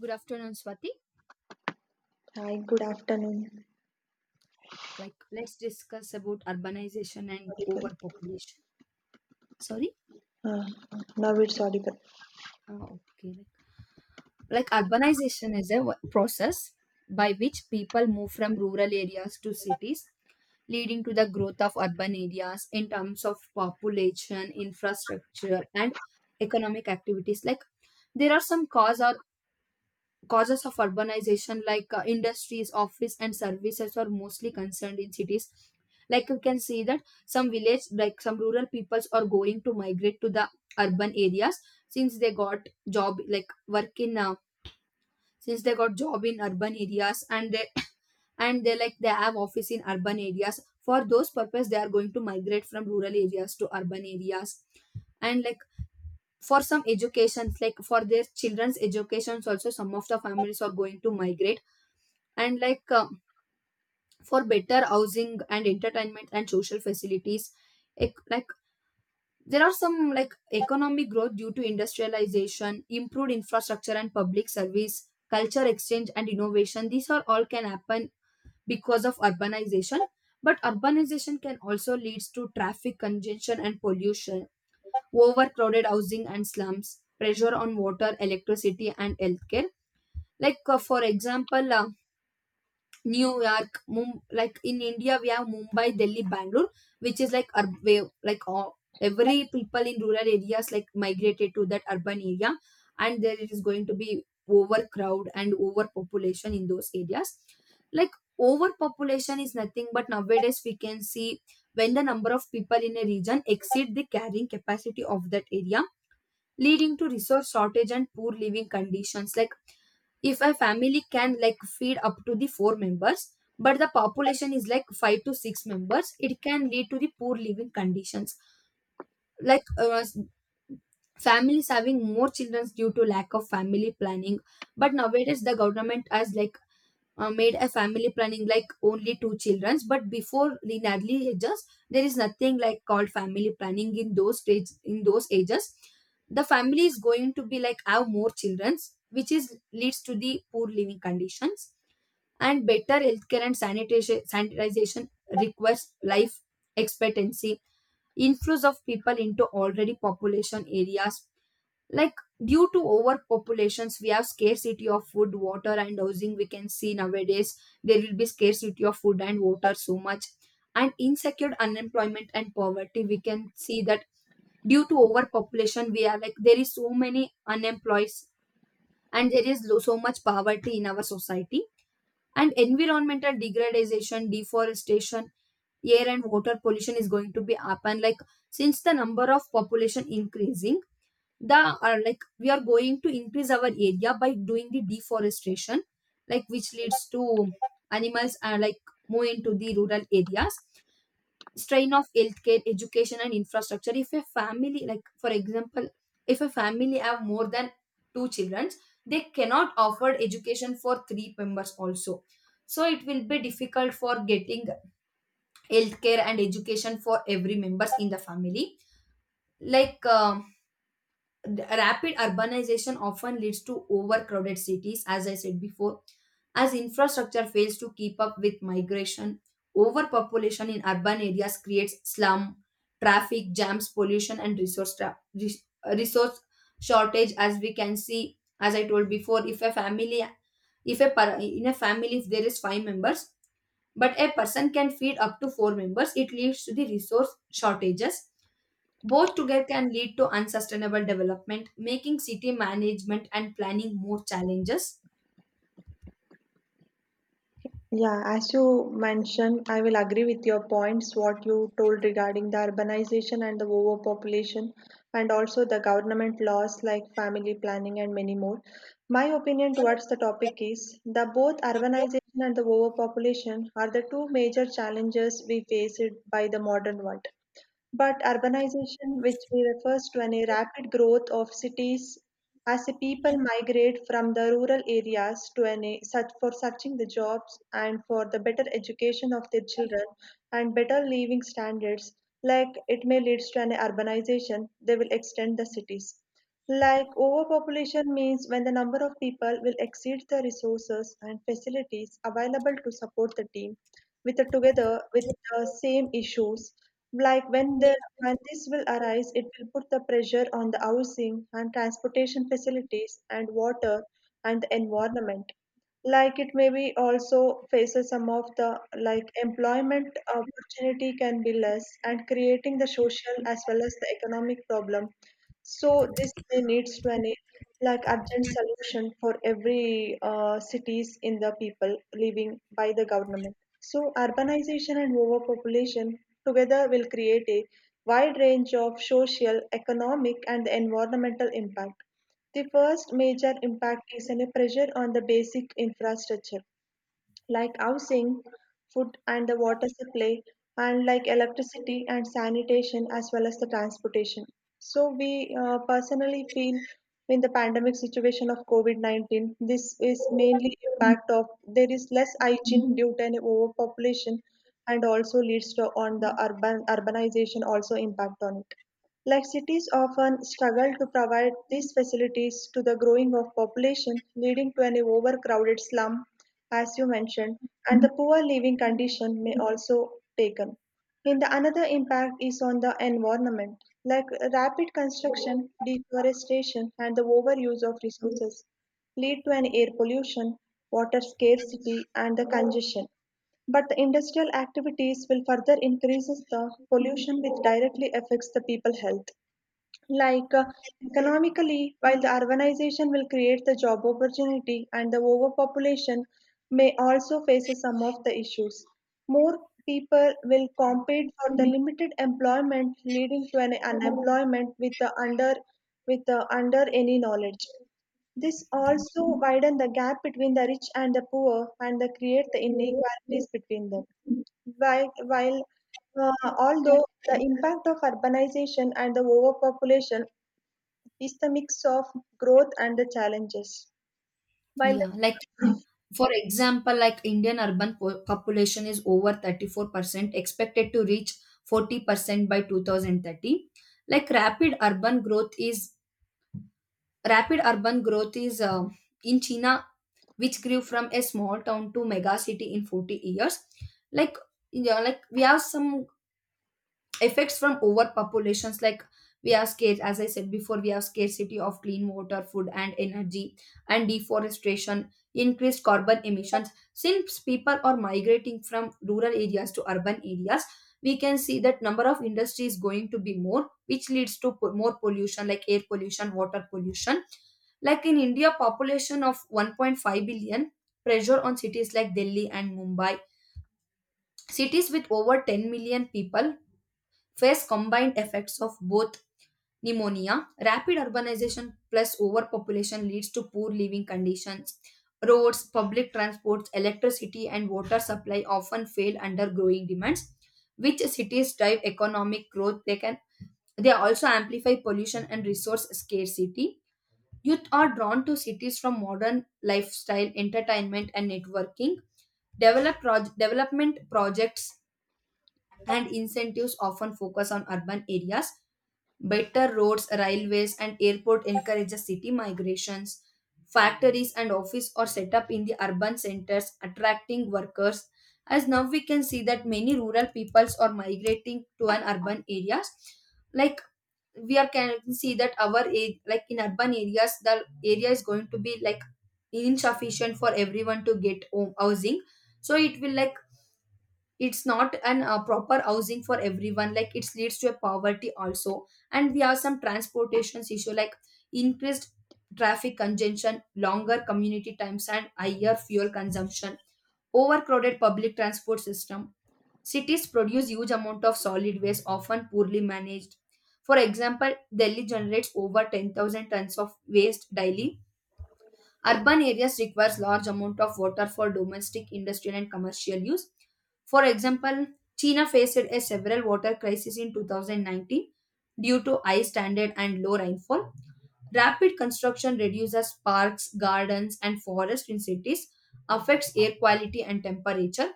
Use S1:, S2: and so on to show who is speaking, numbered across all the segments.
S1: Good afternoon, Swati.
S2: Hi, good afternoon.
S1: Let's discuss about urbanization and
S2: Audible.
S1: overpopulation. Sorry?
S2: Uh, Now it's audible.
S1: Oh, okay. Urbanization is a process by which people move from rural areas to cities, leading to the growth of urban areas in terms of population, infrastructure, and economic activities. There are some causes of urbanization like industries, office, and services are mostly concerned in cities. Like you can see that some village, like some rural peoples, are going to migrate to the urban areas since they got job, like work since they got job in urban areas, and they and they have office in urban areas. For those purpose, they are going to migrate from rural areas to urban areas, and like for some educations like for their children's educations also some of the families are going to migrate and for better housing and entertainment and social facilities like there are some like economic growth due to industrialization, improved infrastructure and public service, culture exchange and innovation. These are all can happen because of urbanization, but urbanization can also leads to traffic congestion and pollution, overcrowded housing and slums, pressure on water, electricity, and healthcare. For example, New York, like in India, we have Mumbai, Delhi, Bangalore, which is like like all, every people in rural areas like migrated to that urban area, and there it is going to be overcrowd and overpopulation in those areas. Like overpopulation is nothing but nowadays we can see when the number of people in a region exceed the carrying capacity of that area, leading to resource shortage and poor living conditions. Like if a family can like feed up to the four members, but the population is like five to six members, it can lead to the poor living conditions. like uh, families having more children due to lack of family planning, but nowadays the government has made a family planning like only two childrens. But before the Natalie ages, there is nothing like called family planning in those stage, in those ages the family is going to be like have more childrens, which is leads to the poor living conditions. And better healthcare and sanitation, sanitization requires life expectancy, inflows of people into already population areas. Like due to overpopulations, we have scarcity of food, water, and housing. We can see nowadays there will be scarcity of food and water so much, and insecure unemployment and poverty. We can see that due to overpopulation we are like there is so many unemployed, and there is so much poverty in our society. And environmental degradation, deforestation, air and water pollution is going to be up, and like since the number of population increasing, the like we are going to increase our area by doing the deforestation, like which leads to animals move into the rural areas. Strain of healthcare, education, and infrastructure. If a family, like for example, if a family have more than two children, they cannot afford education for three members also, so it will be difficult for getting healthcare and education for every members in the family. like um, the rapid urbanization often leads to overcrowded cities, as I said before, as infrastructure fails to keep up with migration. Overpopulation in urban areas creates slum, traffic jams, pollution, and resource shortage. As we can see, as I told before, if a family, if a per- in a family, if there is five members, but a person can feed up to four members, it leads to the resource shortages. Both together can lead to unsustainable development, making city management and planning more challenges.
S2: Yeah, as you mentioned, I will agree with your points, what you told regarding the urbanization and the overpopulation, and also the government laws like family planning and many more. My opinion towards the topic is the both urbanization and the overpopulation are the two major challenges we face it by the modern world. But urbanization, which we refers to any rapid growth of cities as the people migrate from the rural areas to any such for searching the jobs and for the better education of their children and better living standards, like it may lead to an urbanization, they will extend the cities. Like overpopulation means when the number of people will exceed the resources and facilities available to support the team with the together with the same issues like when the when this will arise it will put the pressure on the housing and transportation facilities and water and the environment, like it maybe also faces some of the like employment opportunity can be less and creating the social as well as the economic problem. So this may needs to an like urgent solution for every cities in the people living by the government. So urbanization and overpopulation together will create a wide range of social, economic, and environmental impact. The first major impact is a pressure on the basic infrastructure like housing, food and the water supply, and like electricity and sanitation as well as the transportation. So we personally feel in the pandemic situation of COVID-19, this is mainly impact of there is less hygiene due to an overpopulation and also leads to on the urban urbanization also impact on it. Like cities often struggle to provide these facilities to the growing of population, leading to an overcrowded slum as you mentioned, and the poor living condition may also taken. And the another impact is on the environment, like rapid construction, deforestation, and the overuse of resources lead to an air pollution, water scarcity, and the congestion. But the industrial activities will further increases the pollution, which directly affects the people health. Like economically, while the urbanization will create the job opportunity and the overpopulation may also face some of the issues. More people will compete for the limited employment, leading to an unemployment with the under any knowledge. This also widen the gap between the rich and the poor and the create the inequalities between them. While although the impact of urbanization and the overpopulation is the mix of growth and the challenges. While the
S1: Yeah, like for example, like Indian urban population is over 34%, expected to reach 40% by 2030. Like rapid urban growth is in China, which grew from a small town to mega city in 40 years. Like yeah, like we have some effects from overpopulations. Like we are scarce, as I said before, we have scarcity of clean water, food, and energy, and deforestation, increased carbon emissions. Since people are migrating from rural areas to urban areas, we can see that number of industries going to be more, which leads to more pollution, like air pollution, water pollution. Like in India, population of 1.5 billion, pressure on cities like Delhi and Mumbai. Cities with over 10 million people face combined effects of both pneumonia. Rapid urbanization plus overpopulation leads to poor living conditions. Roads, public transports, electricity, and water supply often fail under growing demands. Which cities drive economic growth? They also amplify pollution and resource scarcity. Youth are drawn to cities from modern lifestyle, entertainment, and networking. Development projects and incentives often focus on urban areas. Better roads, railways, and airport encourages city migrations. Factories and office are set up in the urban centers, attracting workers. As now we can see that many rural peoples are migrating to an urban areas. Like we are can see that our a- like in urban areas, the area is going to be like insufficient for everyone to get home housing. So it will like it's not an proper housing for everyone, like it leads to a poverty also. And we have some transportation issue, like increased traffic congestion, longer community times, and higher fuel consumption, overcrowded public transport system. Cities produce huge amount of solid waste, often poorly managed. For example, Delhi generates over 10,000 tons of waste daily. Urban areas requires large amount of water for domestic, industrial, and commercial use. For example, China faced a several water crisis in 2019 due to high standard and low rainfall. Rapid construction reduces parks, gardens, and forests in cities, affects air quality and temperature.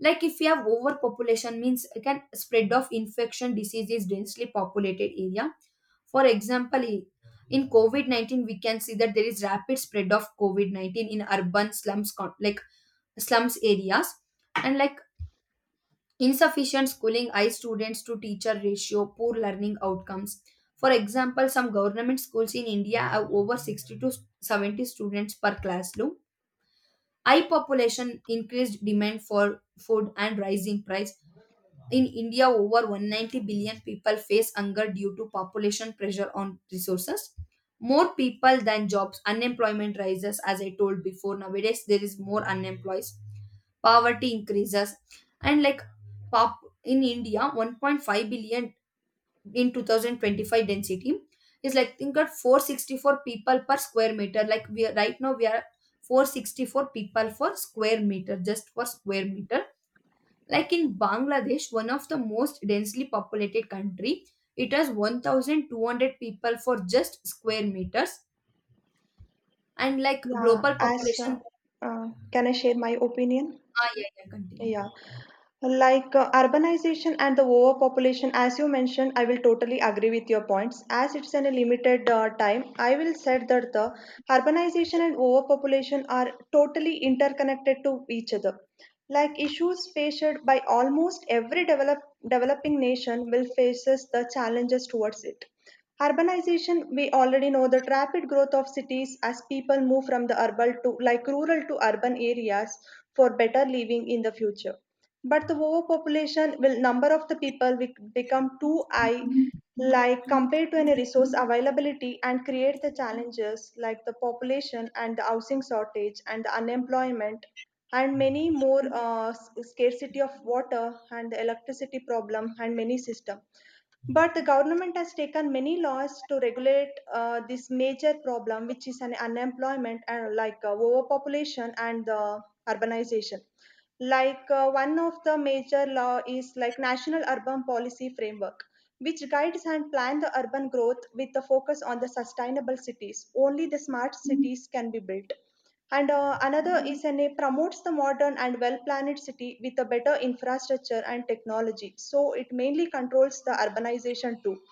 S1: Like if you have overpopulation means it can spread of infection diseases, densely populated area. For example, in COVID-19, we can see that there is rapid spread of COVID-19 in urban slums, like slums areas. And like insufficient schooling, high students to teacher ratio, poor learning outcomes. For example, some government schools in India have over 60 to 70 students per classroom. High population, increased demand for food, and rising price. In India, over 190 billion people face hunger due to population pressure on resources. More people than jobs, unemployment rises, as I told before. Nowadays, there is more unemployed, poverty increases, and like pop in India, 1.5 billion in 2025, density is like think at 464 people per square meter. Like we are, right now, we are 464 people for square meter, just for square meter. Like in Bangladesh, one of the most densely populated country, it has 1,200 people for just square meters, and like
S2: yeah,
S1: global
S2: as
S1: population.
S2: can I share my opinion?
S1: Ah, yeah, yeah, continue.
S2: Yeah. Like urbanization and the overpopulation, as you mentioned, I will totally agree with your points. As it's in a limited time, I will said that the urbanization and overpopulation are totally interconnected to each other. Like issues faced by almost every developing nation will faces the challenges towards it. Urbanization, we already know the rapid growth of cities as people move from the urban to like rural to urban areas for better living in the future, but the overpopulation will number of the people will become too high, like compared to any resource availability and create the challenges like the population and the housing shortage and the unemployment and many more scarcity of water and the electricity problem and many system. But the government has taken many laws to regulate this major problem, which is an unemployment and like overpopulation and the urbanization. Like one of the major law is like National Urban Policy Framework, which guides and plan the urban growth with the focus on the sustainable cities. Only the smart cities can be built, and another is an promotes the modern and well-planned city with a better infrastructure and technology. So it mainly controls the urbanization too.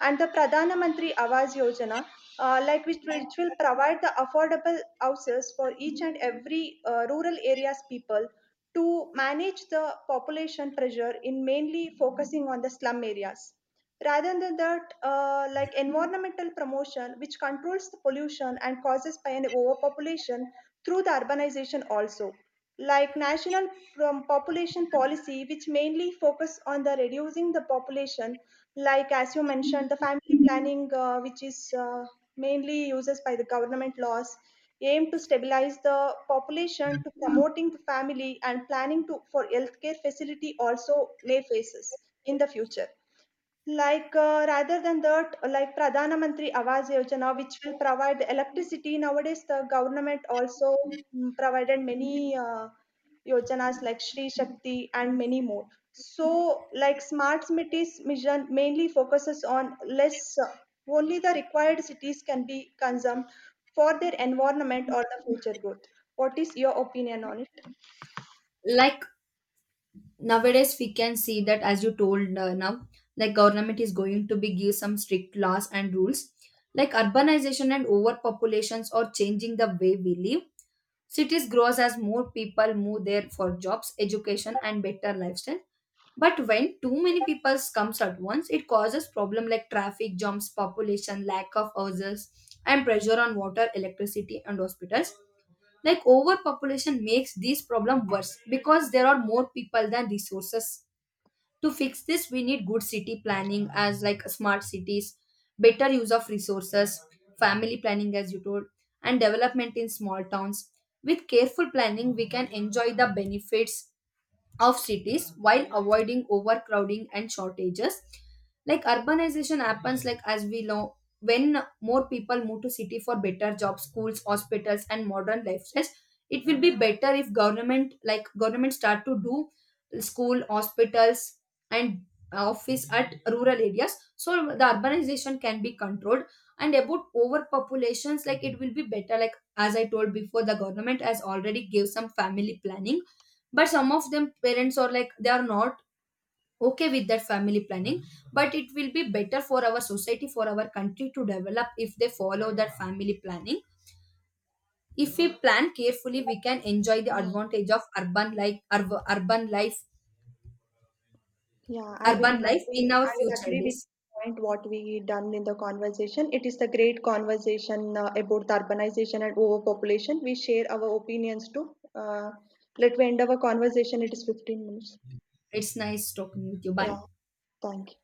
S2: And the Pradhana Mantri Awas Yojana, like which will provide the affordable houses for each and every rural areas people to manage the population pressure in mainly focusing on the slum areas. Rather than that, like environmental promotion, which controls the pollution and causes by an overpopulation through the urbanization also. Like population policy, which mainly focus on the reducing the population, like as you mentioned, the family planning, which is mainly uses by the government laws, aim to stabilize the population to promoting the family and planning to for healthcare facility also may faces in the future. Like, rather than that, like Pradhana Mantri Awas Yojana, which will provide the electricity. Nowadays, the government also provided many yojanas like Shri Shakti and many more. So, like smart cities mission mainly focuses on less, only the required cities can be consumed for their environment or the future growth. What is your opinion on it?
S1: Like nowadays, we can see that as you told now, like government is going to be give some strict laws and rules. Like urbanization and overpopulations are changing the way we live. Cities grows as more people move there for jobs, education, and better lifestyle. But when too many people comes at once, it causes problem like traffic jams, population, lack of houses, and pressure on water, electricity, and hospitals. Like overpopulation makes this problem worse because there are more people than resources. To fix this, we need good city planning as like smart cities, better use of resources, family planning as you told, and development in small towns. With careful planning, we can enjoy the benefits of cities while avoiding overcrowding and shortages. Like urbanization happens like as we know when more people move to city for better jobs, schools, hospitals, and modern lifestyles. It will be better if government start to do school, hospitals, and office at rural areas, so the urbanization can be controlled. And about overpopulations, like it will be better, like as I told before, the government has already gave some family planning, but some of them parents are like they are not okay with that family planning. But it will be better for our society, for our country to develop if they follow that family planning. If we plan carefully, we can enjoy the advantage of urban life. urban life
S2: Yeah, I will
S1: urban life in
S2: agree.
S1: our
S2: I will
S1: future
S2: agree with
S1: days.
S2: the point what we done in the conversation. It is the great conversation about the urbanization and overpopulation. We share our opinions too. Let me end our conversation. It is 15 minutes.
S1: It's nice talking with you,
S2: Yeah,
S1: bye.
S2: thank you.